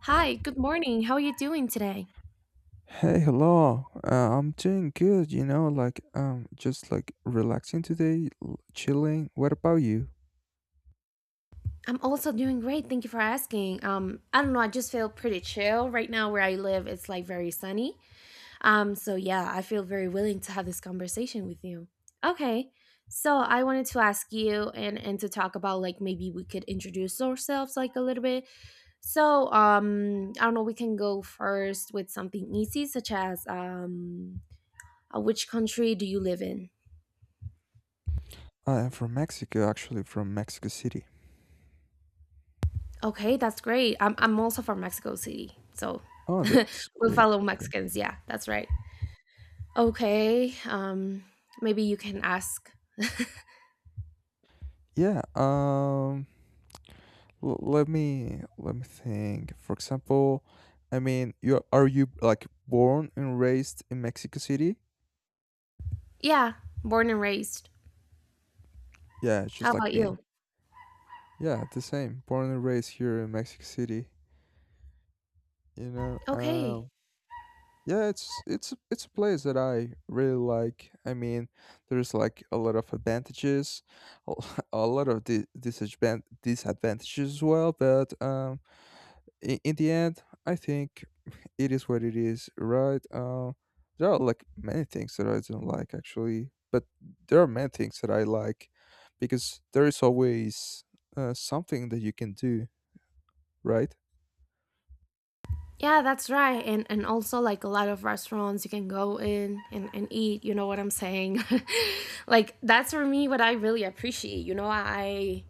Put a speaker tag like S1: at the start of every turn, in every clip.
S1: Hi, good morning. How are you doing today?
S2: Hey, hello. I'm doing good, like just like relaxing today, chilling. What about you?
S1: I'm also doing great. Thank you for asking. I don't know. I just feel pretty chill right now where I live. It's like very sunny. So yeah, I feel very willing to have this conversation with you. Okay. So I wanted to ask you and to talk about like maybe we could introduce ourselves like a little bit. So I don't know. We can go first with something easy, such as which country do you live in?
S2: I am from Mexico, actually, from Mexico City.
S1: Okay, that's great. I'm also from Mexico City, so
S2: Oh, that's
S1: we'll
S2: great.
S1: follow
S2: Yeah.
S1: Mexicans. Yeah, that's right. Okay, maybe you can ask.
S2: Yeah, let me think. For example, I mean, you are you like born and raised in Mexico City?
S1: Yeah, born and raised.
S2: Yeah,
S1: How
S2: just like
S1: about
S2: me.
S1: you?
S2: Yeah, the same. Born and raised here in Mexico City, you know.
S1: Okay.
S2: Um Yeah, it's a place that I really like. I mean, there's like a lot of advantages, a a lot of disadvantages as well. But in the end, I think it is what it is, right? There are like many things that I don't like actually, but there are many things that I like because there is always something that you can do, right?
S1: Yeah, that's right. And also like a lot of restaurants you can go in and eat, you know what I'm saying? Like that's for me what I really appreciate. You know, I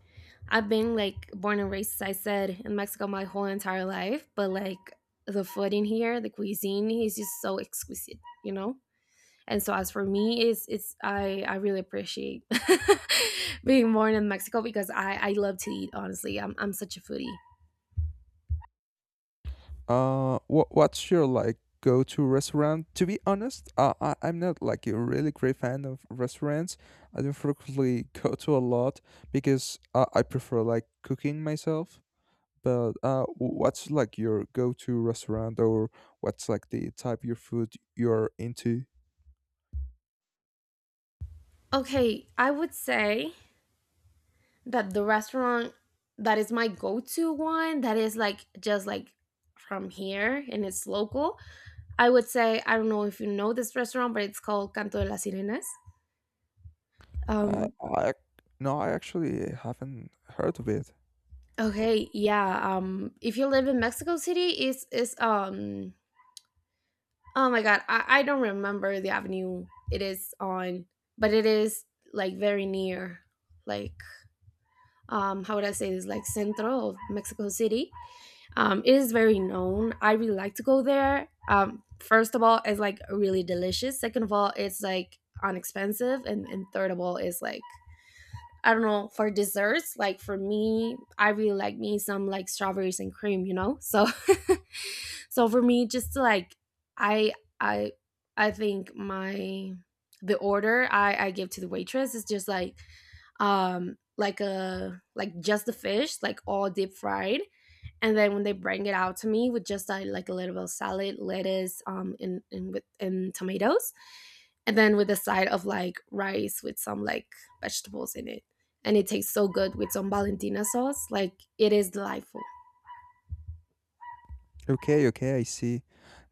S1: I've been like born and raised, as I said, in Mexico my whole entire life, but like the food in here, the cuisine is just so exquisite, you know? And so, as for me, it's I really appreciate being born in Mexico because I love to eat, honestly. I'm such a foodie.
S2: What's your like go-to restaurant? To be honest, I'm not like a really great fan of restaurants. I don't frequently go to a lot because I prefer like cooking myself. But what's like your go-to restaurant, or what's like the type of food you're into?
S1: Okay, I would say that the restaurant that is my go-to one that is like just like from here and it's local. I would say I don't know if you know this restaurant, but it's called Canto de las Sirenas.
S2: Uh,
S1: Um.
S2: I No, I actually haven't heard of it.
S1: Okay. Yeah. If you live in Mexico City, it's. Oh my God. I don't remember the avenue it is on, but it is like very near. Like how would I say this? Like centro of Mexico City. It is very known. I really like to go there. First of all, it's like really delicious. Second of all, it's like unexpensive, and third of all, is like I don't know, for desserts, like for me, I really like me some like strawberries and cream, you know? So so for me just to like I I I think my the order I give to the waitress is just like a like just the fish, like all deep fried, and then when they bring it out to me with just like a little bit of salad lettuce and with and tomatoes, and then with a side of like rice with some like vegetables in it, and it tastes so good with some valentina sauce, like it is delightful.
S2: Okay, okay, I see.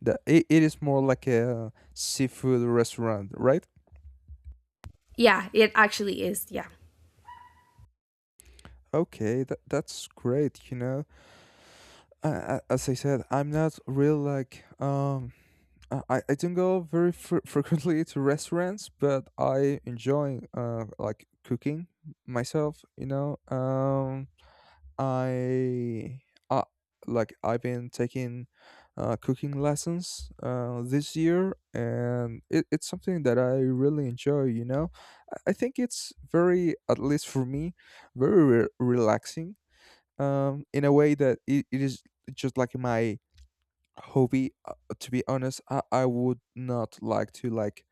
S2: It is more like a seafood restaurant, right?
S1: Yeah, it actually is. Yeah.
S2: Okay, that's great. I, as I said, I'm not real like. I don't go very frequently to restaurants, but I enjoy like cooking myself. You know, I uh, like I've been taking cooking lessons this year, and it's something that I really enjoy. I think it's very, at least for me, very relaxing, in a way that it is just like my hobby. To be honest, I would not like to like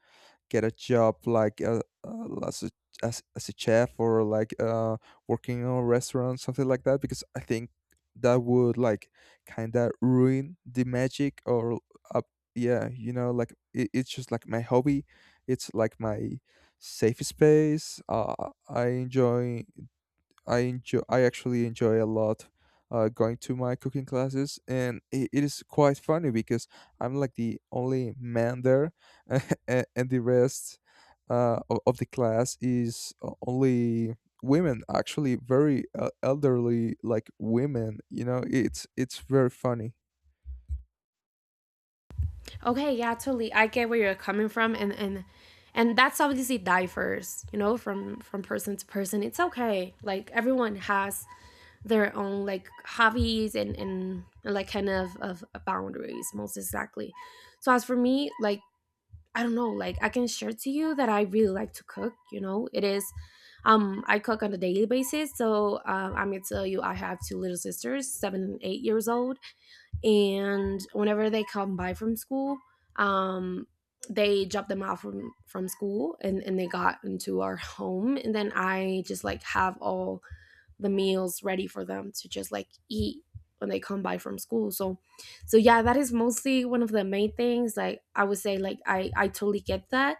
S2: get a job like as a chef or like working in a restaurant, something like that, because I think that would like kind of ruin the magic or uh, yeah, like it's just like my hobby. It's like my safe space. I actually enjoy a lot going to my cooking classes, and it is quite funny because I'm like the only man there, and the rest of the class is only women. Actually, very elderly, like women. It's very funny.
S1: Okay, yeah, totally, I get where you're coming from, and that's obviously differs, you know, from person to person. It's okay, like everyone has their own like hobbies, and like kind of boundaries, most exactly. So as for me, like I don't know, like I can share to you that I really like to cook, you know, it is I cook on a daily basis, so I'm gonna tell you I have two little sisters 7 and 8 years old, and whenever they come by from school, um they drop them off from school, and they got into our home, and then I just like have all the meals ready for them to just like eat when they come by from school, so yeah, that is mostly one of the main things, like I would say, like I totally get that.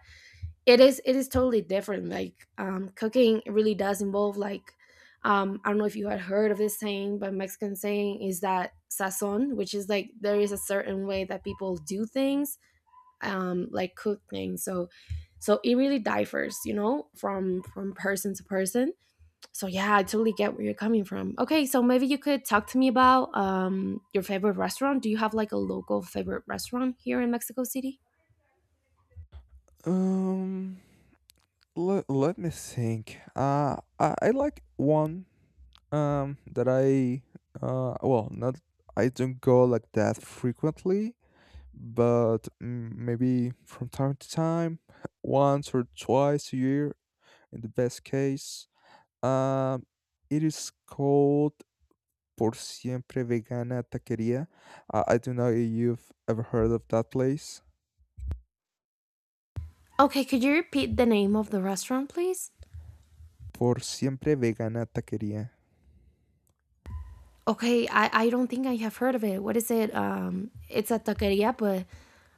S1: It is totally different, like cooking really does involve, like, I don't know if you had heard of this saying, but Mexican saying is that sazon, which is like there is a certain way that people do things, like cook things, so it really differs, you know, from person to person. So yeah, I totally get where you're coming from. Okay, so maybe you could talk to me about your favorite restaurant. Do you have like a local favorite restaurant here in Mexico City?
S2: Um. Let me think. I like one that I well not I don't go like that frequently, but maybe from time to time, once or twice a year in the best case. Um, it is called Por Siempre Vegana Taqueria. I don't know if you've ever heard of that place.
S1: Okay, could you repeat the name of the restaurant, please?
S2: Por Siempre Vegana Taqueria.
S1: Okay, I don't think I have heard of it. What is it? It's a taqueria, but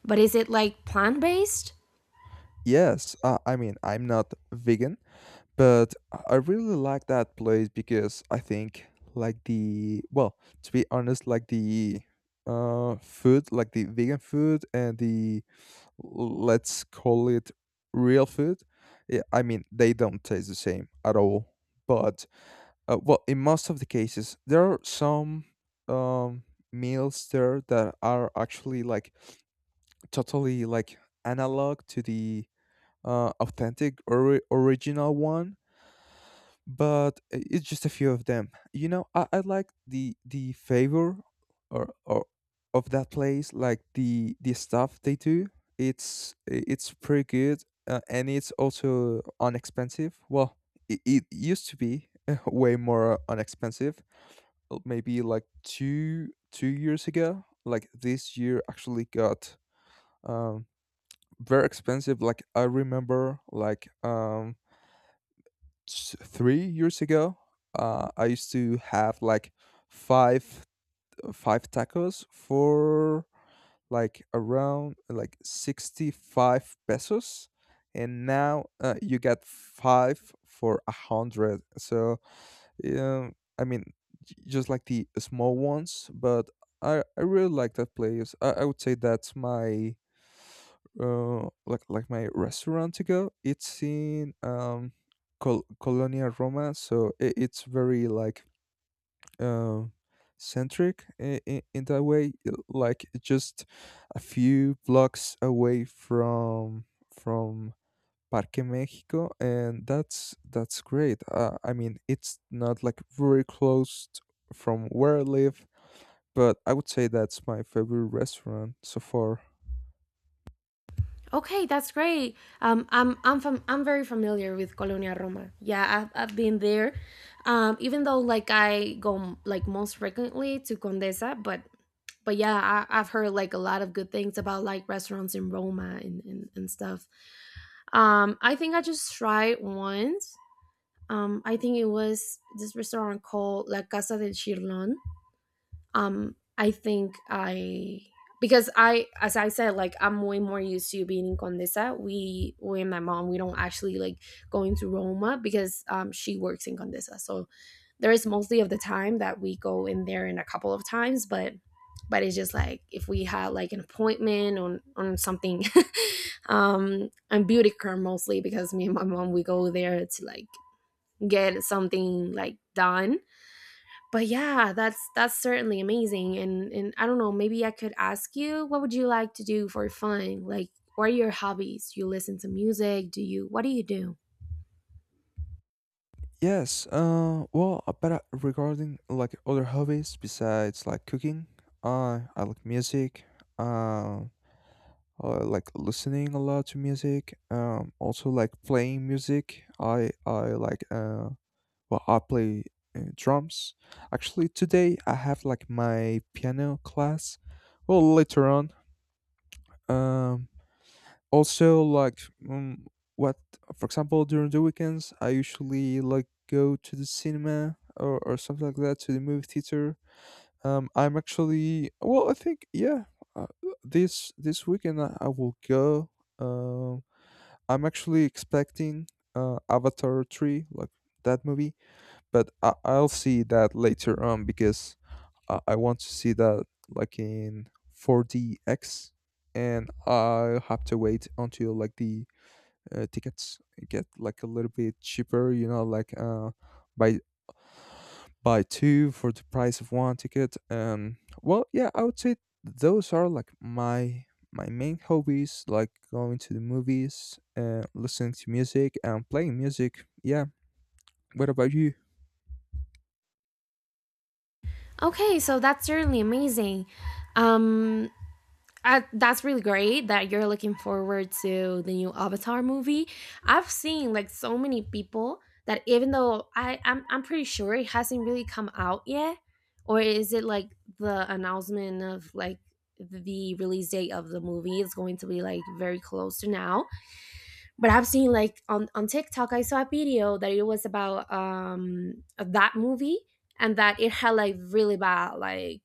S1: but is it like plant-based?
S2: Yes, I mean I'm not vegan. But I really like that place because I think like the, well, to be honest, like the food, like the vegan food and the, let's call it, real food. Yeah, I mean they don't taste the same at all. But well, in most of the cases, there are some um meals there that are actually like totally like analog to the authentic or original one, but it's just a few of them. I like the favor or of that place, like the stuff they do. It's pretty good, and it's also unexpensive. Well, it used to be way more unexpensive. Maybe like two years ago. Like this year actually got um very expensive. Like I remember, like 3 years ago, I used to have like five five tacos for like around like 65 pesos, and now you get five for a hundred. So yeah, I mean, just like the small ones. But I really like that place. I would say that's my, like, my restaurant to go. It's in, Colonia Roma, so I it's very like uh, centric, in that way. Like just a few blocks away from Parque Mexico, and that's great. I mean, it's not like very close from where I live, but I would say that's my favorite restaurant so far.
S1: Okay, that's great. I'm very familiar with Colonia Roma. Yeah, I've been there. Even though like I go like most frequently to Condesa, but yeah, I've heard like a lot of good things about like restaurants in Roma and stuff. I think I just tried once. I think it was this restaurant called La Casa del Chirlon. I think I Because I, as I said, like I'm way more used to being in Condesa, we and my mom, we don't actually like going to Roma because she works in Condesa, so there is mostly of the time that we go in there in a couple of times, but it's just like if we had like an appointment on something. On beauty care mostly, because me and my mom, we go there to like get something like done. But yeah, that's certainly amazing, and I don't know, maybe I could ask you, what would you like to do for fun? Like, what are your hobbies? Do you listen to music? Do you What do you do?
S2: Yes, well, but regarding like other hobbies besides like cooking, I like music. Uh, I like listening a lot to music. Also like playing music. I like well, I play drums. Actually, today I have like my piano class. Well, later on. Um, Also like, um, what, for example, during the weekends I usually like go to the cinema, or something like that, to the movie theater. I'm actually, well I think, yeah, uh, this weekend I will go. um I'm actually expecting Avatar 3, like that movie, but I'll see that later on because I want to see that like in 4DX, and I have to wait until like the tickets get like a little bit cheaper. You know, like buy buy two for the price of one ticket. Well, yeah, I would say those are like my main hobbies, like going to the movies, listening to music, and playing music. Yeah. What about you?
S1: Okay, so that's certainly amazing. um that's really great that you're looking forward to the new Avatar movie. I've seen like so many people that, even though I'm pretty sure it hasn't really come out yet, or is it like the announcement of like the release date of the movie is going to be like very close to now. But I've seen like on TikTok I saw a video that it was about that movie, and that it had like really bad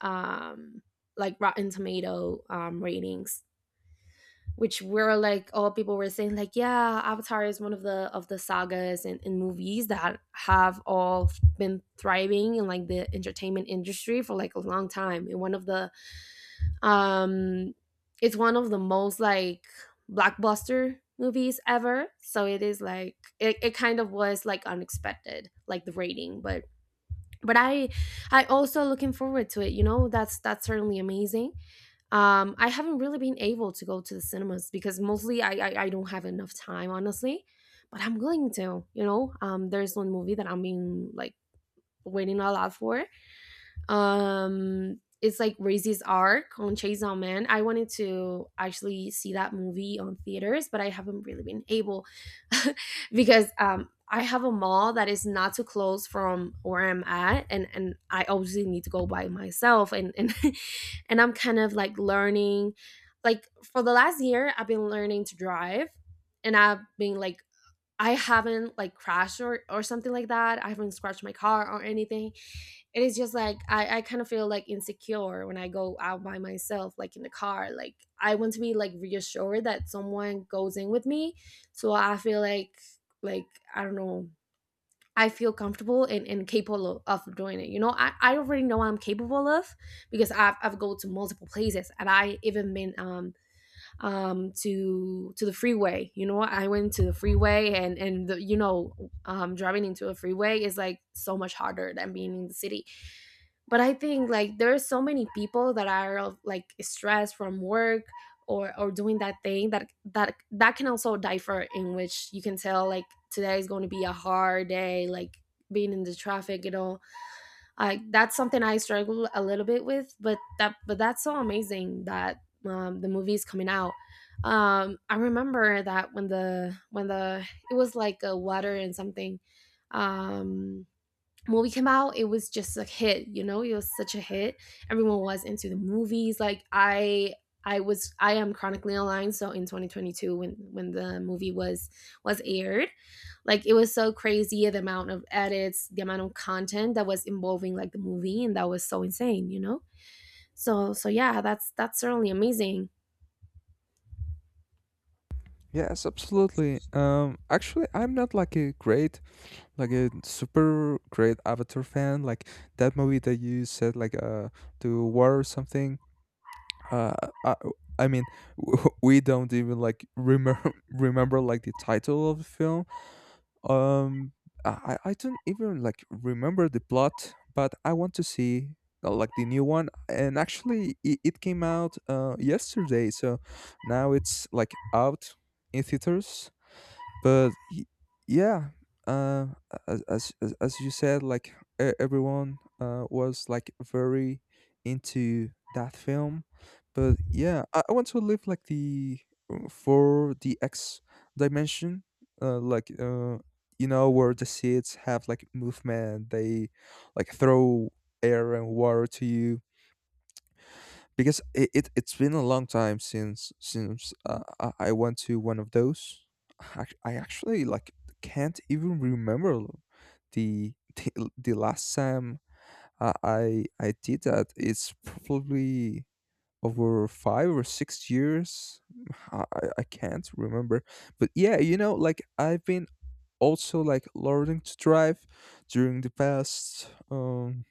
S1: um like Rotten Tomato ratings, which were like, all people were saying like yeah, Avatar is one of the sagas and movies that have all been thriving in like the entertainment industry for like a long time, and one of the um it's one of the most like blockbuster movies ever, so it is like it kind of was like unexpected, like the rating, but I also looking forward to it, you know, that's certainly amazing. I haven't really been able to go to the cinemas, because mostly I don't have enough time, honestly, but I'm going to. There's one movie that I've been like waiting a lot for. It's like Rais's Arc on Chase Man. I wanted to actually see that movie on theaters, but I haven't really been able. Because I have a mall that is not too close from where I'm at, and I obviously need to go by myself, and and I'm kind of like learning, like for the last year I've been learning to drive, and I've been like I haven't like crashed or something like that. I haven't scratched my car or anything, it is just like I kind of feel like insecure when I go out by myself, like in the car. Like, I want to be like reassured that someone goes in with me. So I feel like, like I don't know. I feel comfortable and capable of doing it. You know, I already know I'm capable of, because I've go to multiple places, and I even been to the freeway. You know, I went to the freeway and the, you know driving into a freeway is like so much harder than being in the city, but I think like there are so many people that are like stressed from work or doing that thing that can also differ in which you can tell like today is going to be a hard day, like being in the traffic and all, like that's something I struggle a little bit with, but that but that's so amazing that the movie is coming out. I remember that when the it was like a water and something, um movie came out, it was just a hit, you know, it was such a hit. Everyone was into the movies, like I am chronically online, so in 2022 when the movie was aired, like it was so crazy, the amount of edits, the amount of content that was involving like the movie, and that was so insane, you know. So yeah, that's certainly amazing.
S2: Yes, absolutely. Actually, I'm not like a great, like a super great Avatar fan. Like that movie that you said, like the war or something. Uh, I, I mean, we don't even like remember remember like the title of the film. Um, I don't even like remember the plot, but I want to see like the new one. And actually, it came out yesterday, so now it's like out in theaters, but y- yeah uh, as, as as as you said, like, everyone was like very into that film. But yeah, I want to live like the, for the x dimension, uh, like uh, you know where the seeds have like movement, they like throw air and water to you, because it's been a long time since I went to one of those. I actually like can't even remember the last time I did that. It's probably over 5 or 6 years. I can't remember, but yeah, like I've been also like learning to drive during the past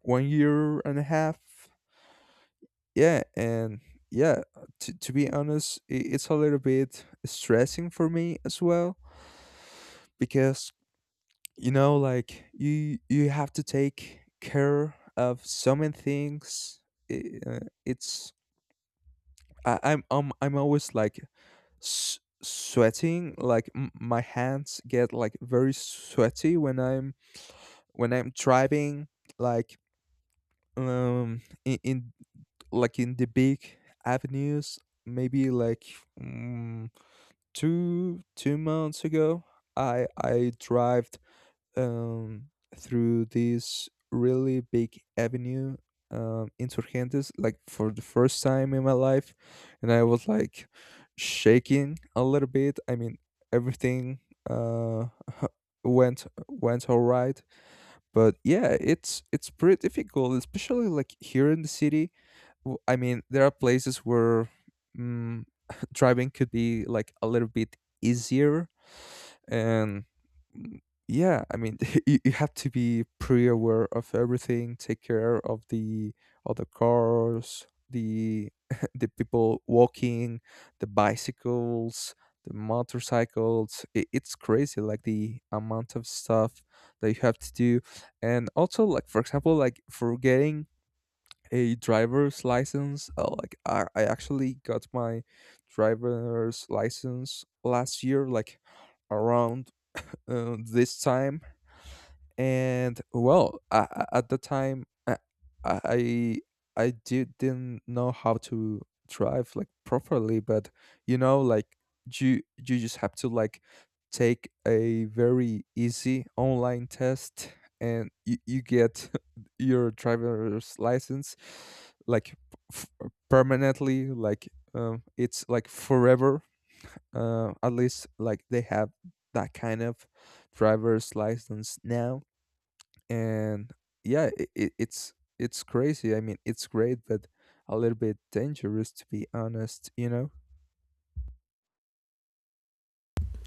S2: one year and a half. Yeah. And yeah, to be honest, I it's a little bit stressing for me as well, because like you have to take care of so many things. I- it's I, I'm always like sweating like my hands get like very sweaty when I'm driving, like in like in the big avenues. Maybe like, mm, two months ago, I drived um through this really big avenue, insurgentes, like for the first time in my life. And I was like shaking a little bit, I mean, everything uh went all right. But yeah, it's pretty difficult, especially like here in the city. I mean, there are places where, mm, driving could be like a little bit easier. And, mm, yeah, I mean, you have to be pre aware of everything, take care of the, cars, the the people walking, the bicycles, the motorcycles. It's crazy, like the amount of stuff that you have to do. And also, like, for example, like, for getting a driver's license, like, I actually got my driver's license last year, like around this time. And well, at the time i I didn't know how to drive like properly. But like you just have to like take a very easy online test, and you get your driver's license, like f- permanently, like, it's like forever. At least like they have that kind of driver's license now. And yeah, it's crazy, I mean, it's great, but a little bit dangerous, to be honest.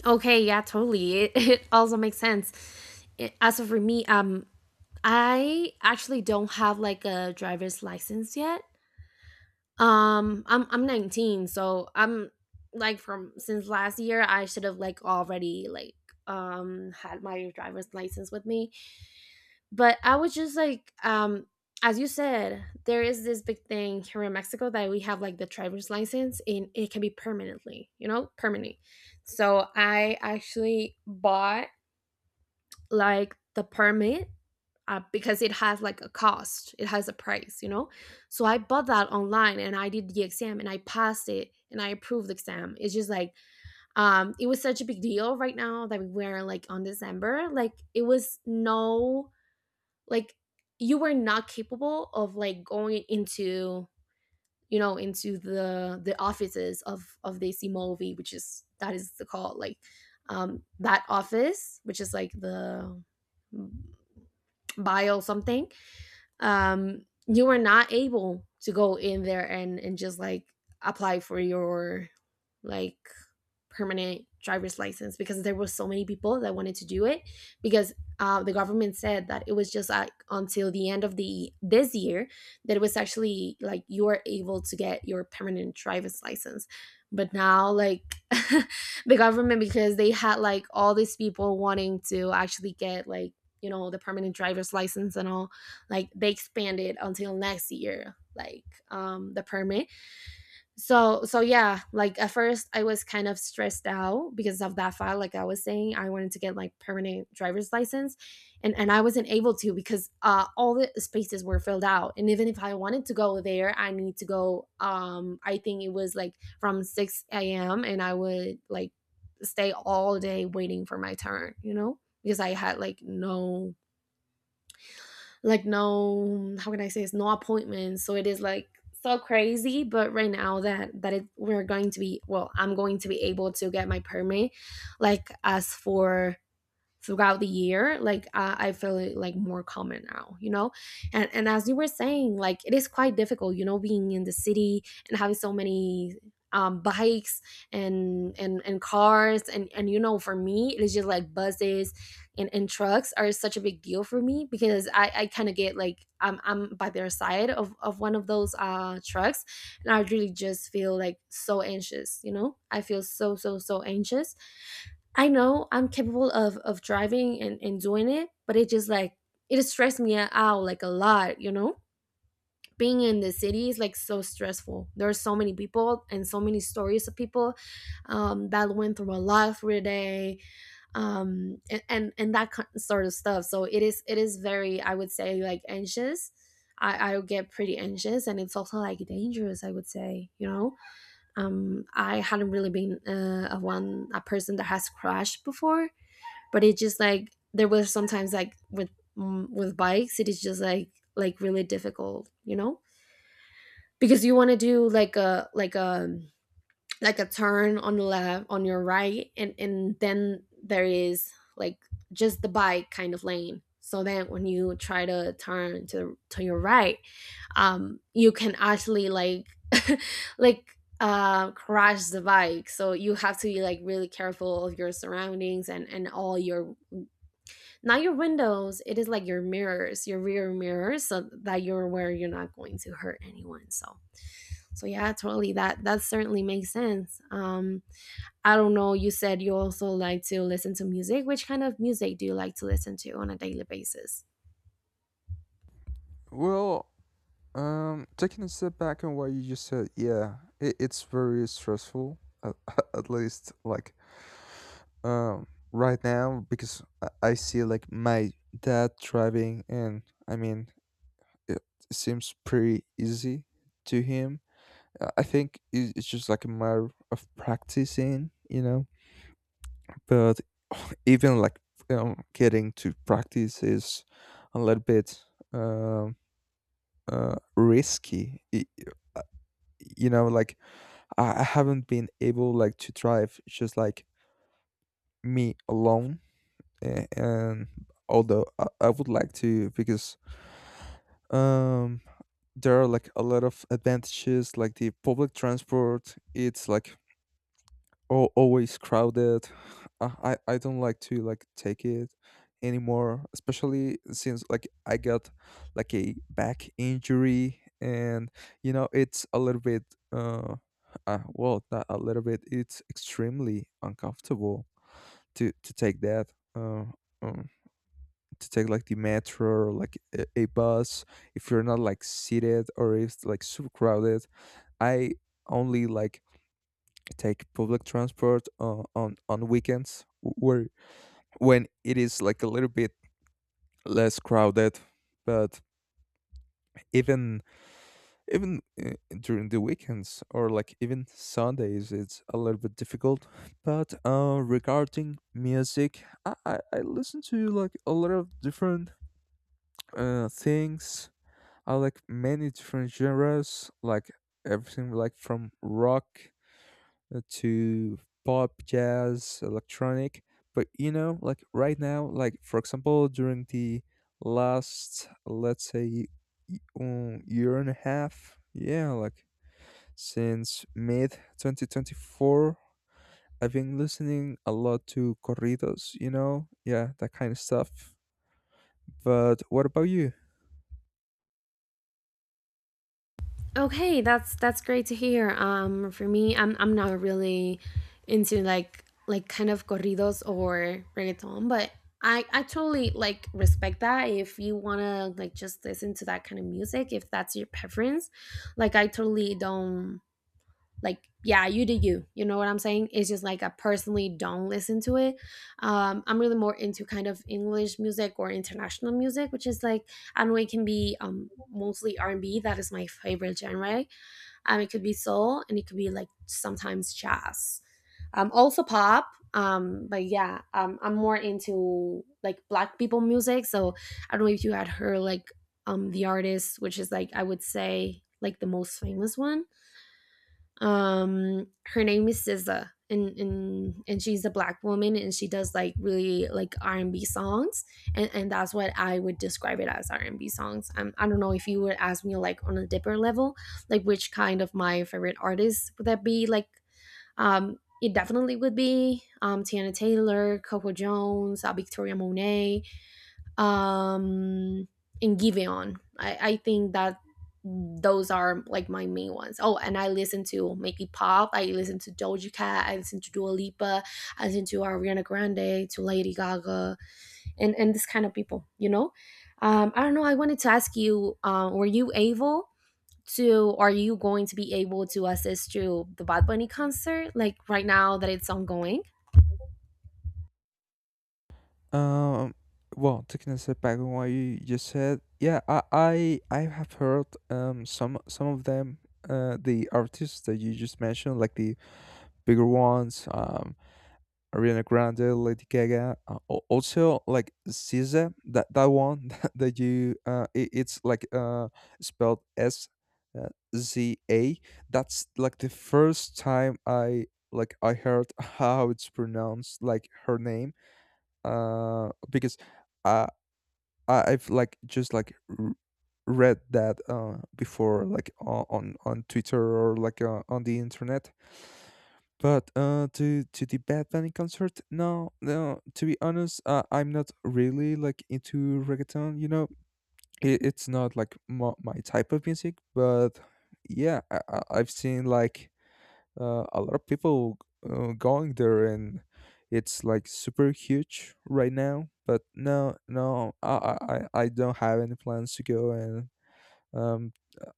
S1: Okay, yeah, totally, it, it also makes sense. As for me, I actually don't have like a driver's license yet. I'm 19, so I'm like from since last year I should have like already like had my driver's license with me. But I was just like as you said, there is this big thing here in Mexico that we have like the driver's license and it can be permanently, you know, permanent. So I actually bought like the permit, because it has like a cost, it has a price, you know. So I bought that online and I did the exam and I passed it and I approved the exam. It's just like it was such a big deal right now that we were like on December, like it was no, like you were not capable of like going into, you know, into the offices of the movie which is that is the call, like that office which is like the, mm, bio something, you were not able to go in there and just like apply for your, like, permanent driver's license because there were so many people that wanted to do it because, the government said that it was just like until the end of the this year that it was actually like you are able to get your permanent driver's license. But now like the government, because they had like all these people wanting to actually get, like, you know, the permanent driver's license and all, like they expanded until next year like the permit. So yeah, like at first I was kind of stressed out because of that fact, like I was saying, I wanted to get like permanent driver's license and I wasn't able to because, uh, all the spaces were filled out. And even if I wanted to go there, I need to go, I think it was like from 6 a.m and I would like stay all day waiting for my turn, you know, because I had like no, like no, how can I say, it's no appointments, so it is like so crazy. But right now that we're going to be, well, I'm going to be able to get my permit like as for throughout the year, like I feel it like more common now, you know. And as you were saying, like it is quite difficult, you know, being in the city and having so many, bikes and cars and you know, for me it's just like buses and trucks are such a big deal for me because I kind of get like I'm by their side of one of those, uh, trucks, and I really just feel like so anxious, you know, I feel so anxious. I know I'm capable of driving and doing it, but it just like it stressed me out like a lot, you know? Being in the city is like so stressful. There are so many people and so many stories of people, that went through a lot through the day, and that kind sort of stuff. So it is very, I would say, like anxious. I get pretty anxious and it's also like dangerous, I would say, you know. I hadn't really been a person that has crashed before, but it just like there was sometimes like with, with bikes it is just like really difficult, you know, because you want to do like a like a turn on the left, on your right, and then there is like just the bike kind of lane. So then when you try to turn to your right, you can actually like like crash the bike. So you have to be like really careful of your surroundings and all your, not your windows, it is like your mirrors, your rear mirrors, so that you're aware you're not going to hurt anyone. So yeah, totally, that certainly makes sense. I don't know, you said you also like to listen to music. Which kind of music do you like to listen to on a daily basis?
S2: Well, taking a step back on what you just said, yeah, it's very stressful. At, at least like um right now, because I see like my dad driving, and I mean it seems pretty easy to him. I think it's just like a matter of practicing. But even like, getting to practice is a little bit, um, risky. Uh, like I haven't been able like to drive just like me alone, and although I would like to, because um there are like a lot of advantages, like the public transport, it's like al always crowded. I don't like to like take it anymore, especially since like I got like a back injury, and it's a little bit, uh, well, not a little bit, it's extremely uncomfortable to take that, um to take like the metro or like a bus, if you're not like seated or if it's like super crowded. I only like take public transport on weekends, where when it is like a little bit less crowded. But even, even uh, during the weekends or like even Sundays, it's a little bit difficult. But regarding music, I listen to like a lot of different things. I like many different genres, like everything like from rock to pop, jazz, electronic. But like right now, like for example, during the last, let's say, year and a half, yeah, like since mid 2024, I've been listening a lot to corridos, yeah, that kind of stuff. But what about you?
S1: Okay, that's great to hear. For me, I'm not really into like kind of corridos or reggaeton, but I totally like respect that. If you wanna like just listen to that kind of music, if that's your preference, like I totally don't like. Yeah, you do you. You know what I'm saying? It's just like I personally don't listen to it. I'm really more into kind of English music or international music, which is like I know it can be mostly R&B. That is my favorite genre, it could be soul and it could be like sometimes jazz. Also pop. But yeah, I'm more into like black people music. So I don't know if you had heard like the artist, which is like I would say like the most famous one, her name is SZA, and she's a black woman and she does like really like R&B songs and that's what I would describe it as, R&B songs. I don't know if you would ask me like on a deeper level, like which kind of my favorite artists would that be, like it definitely would be Tiana Taylor, Coco Jones, Victoria Monet, um and Giveon, I think that those are like my main ones. Oh, and I listen to Make It Pop. I listen to Doja Cat. I listen to Dua Lipa. I listen to Ariana Grande, to Lady Gaga, and this kind of people. You know, I don't know. I wanted to ask you, were you able to? Are you going to be able to assist to the Bad Bunny concert like right now that it's ongoing?
S2: Um, well, taking a step back on what you just said, yeah, I have heard some of them, the artists that you just mentioned, like the bigger ones, Ariana Grande, Lady Gaga, also like SZA, that one that you, it's like spelled S, uh, Z A. That's like the first time I heard how it's pronounced, like, her name. Because I I've like just like r- read that before, like on on Twitter, or like on the internet. But to the Bad Bunny concert, no, no. To be honest, I'm not really like into reggaeton. It's not like my type of music. But yeah, I've seen like a lot of people going there, and it's like super huge right now. But no, no, I don't have any plans to go. And, um,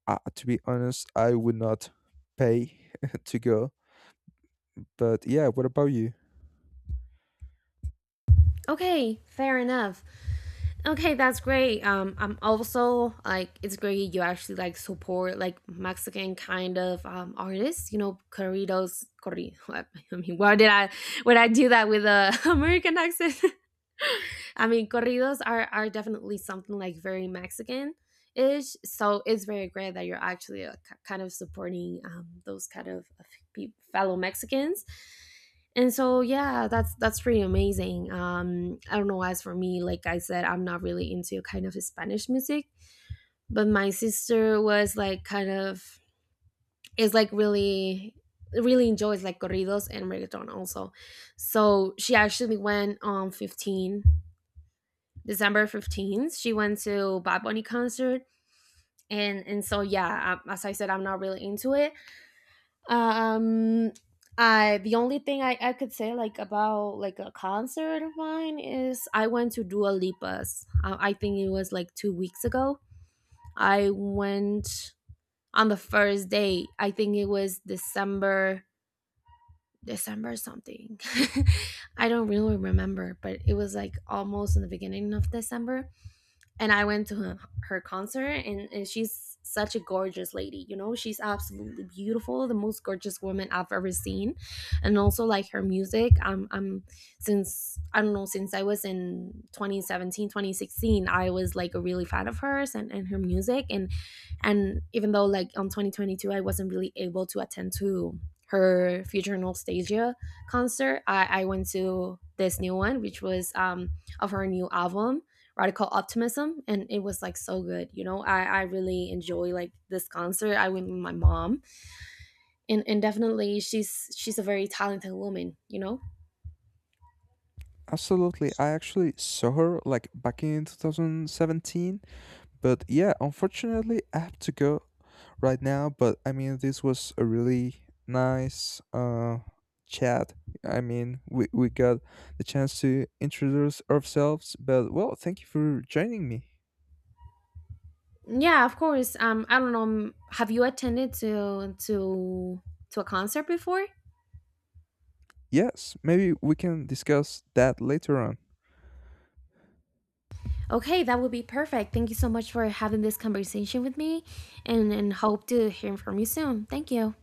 S2: to be honest, I would not pay to go. But yeah, what about you?
S1: Okay, fair enough. Okay, that's great. I'm also like it's great you actually like support like Mexican kind of artists. You know, corridos, corri. I mean, why did I would I do that with a American accent? I mean, corridos are definitely something like very Mexican ish. So it's very great that you're actually, k- kind of supporting those kind of pe- fellow Mexicans. And so yeah, that's pretty amazing. I don't know, as for me, like I said, I'm not really into kind of Spanish music. But my sister was like kind of is like really really enjoys like corridos and reggaeton also. So she actually went on 15 December 15th, she went to Bad Bunny concert, and so yeah, as I said, I'm not really into it. Um, I, the only thing I could say like about like a concert of mine is I went to Dua Lipa's. I think it was like 2 weeks ago. I went on the first day. I think it was December something. I don't really remember, but it was like almost in the beginning of December, and I went to her, her concert, and she's such a gorgeous lady. You know, she's absolutely beautiful, the most gorgeous woman I've ever seen, and also like her music. I'm since I don't know, since I was in 2017, 2016, I was like a really fan of hers and her music, and even though like on 2022 I wasn't really able to attend to her Future Nostalgia concert, I went to this new one, which was of her new album Radical Optimism, and it was like so good, you know, I really enjoy like this concert, I went with my mom and definitely she's a very talented woman, you know.
S2: Absolutely. I actually saw her like back in 2017. But yeah, unfortunately, I have to go right now. But I mean, this was a really nice chat. I mean, we got the chance to introduce ourselves. But well, thank you for joining me.
S1: Yeah, of course. I don't know, have you attended to a concert before?
S2: Yes, maybe we can discuss that later on.
S1: Okay, that would be perfect. Thank you so much for having this conversation with me, and hope to hear from you soon. Thank you.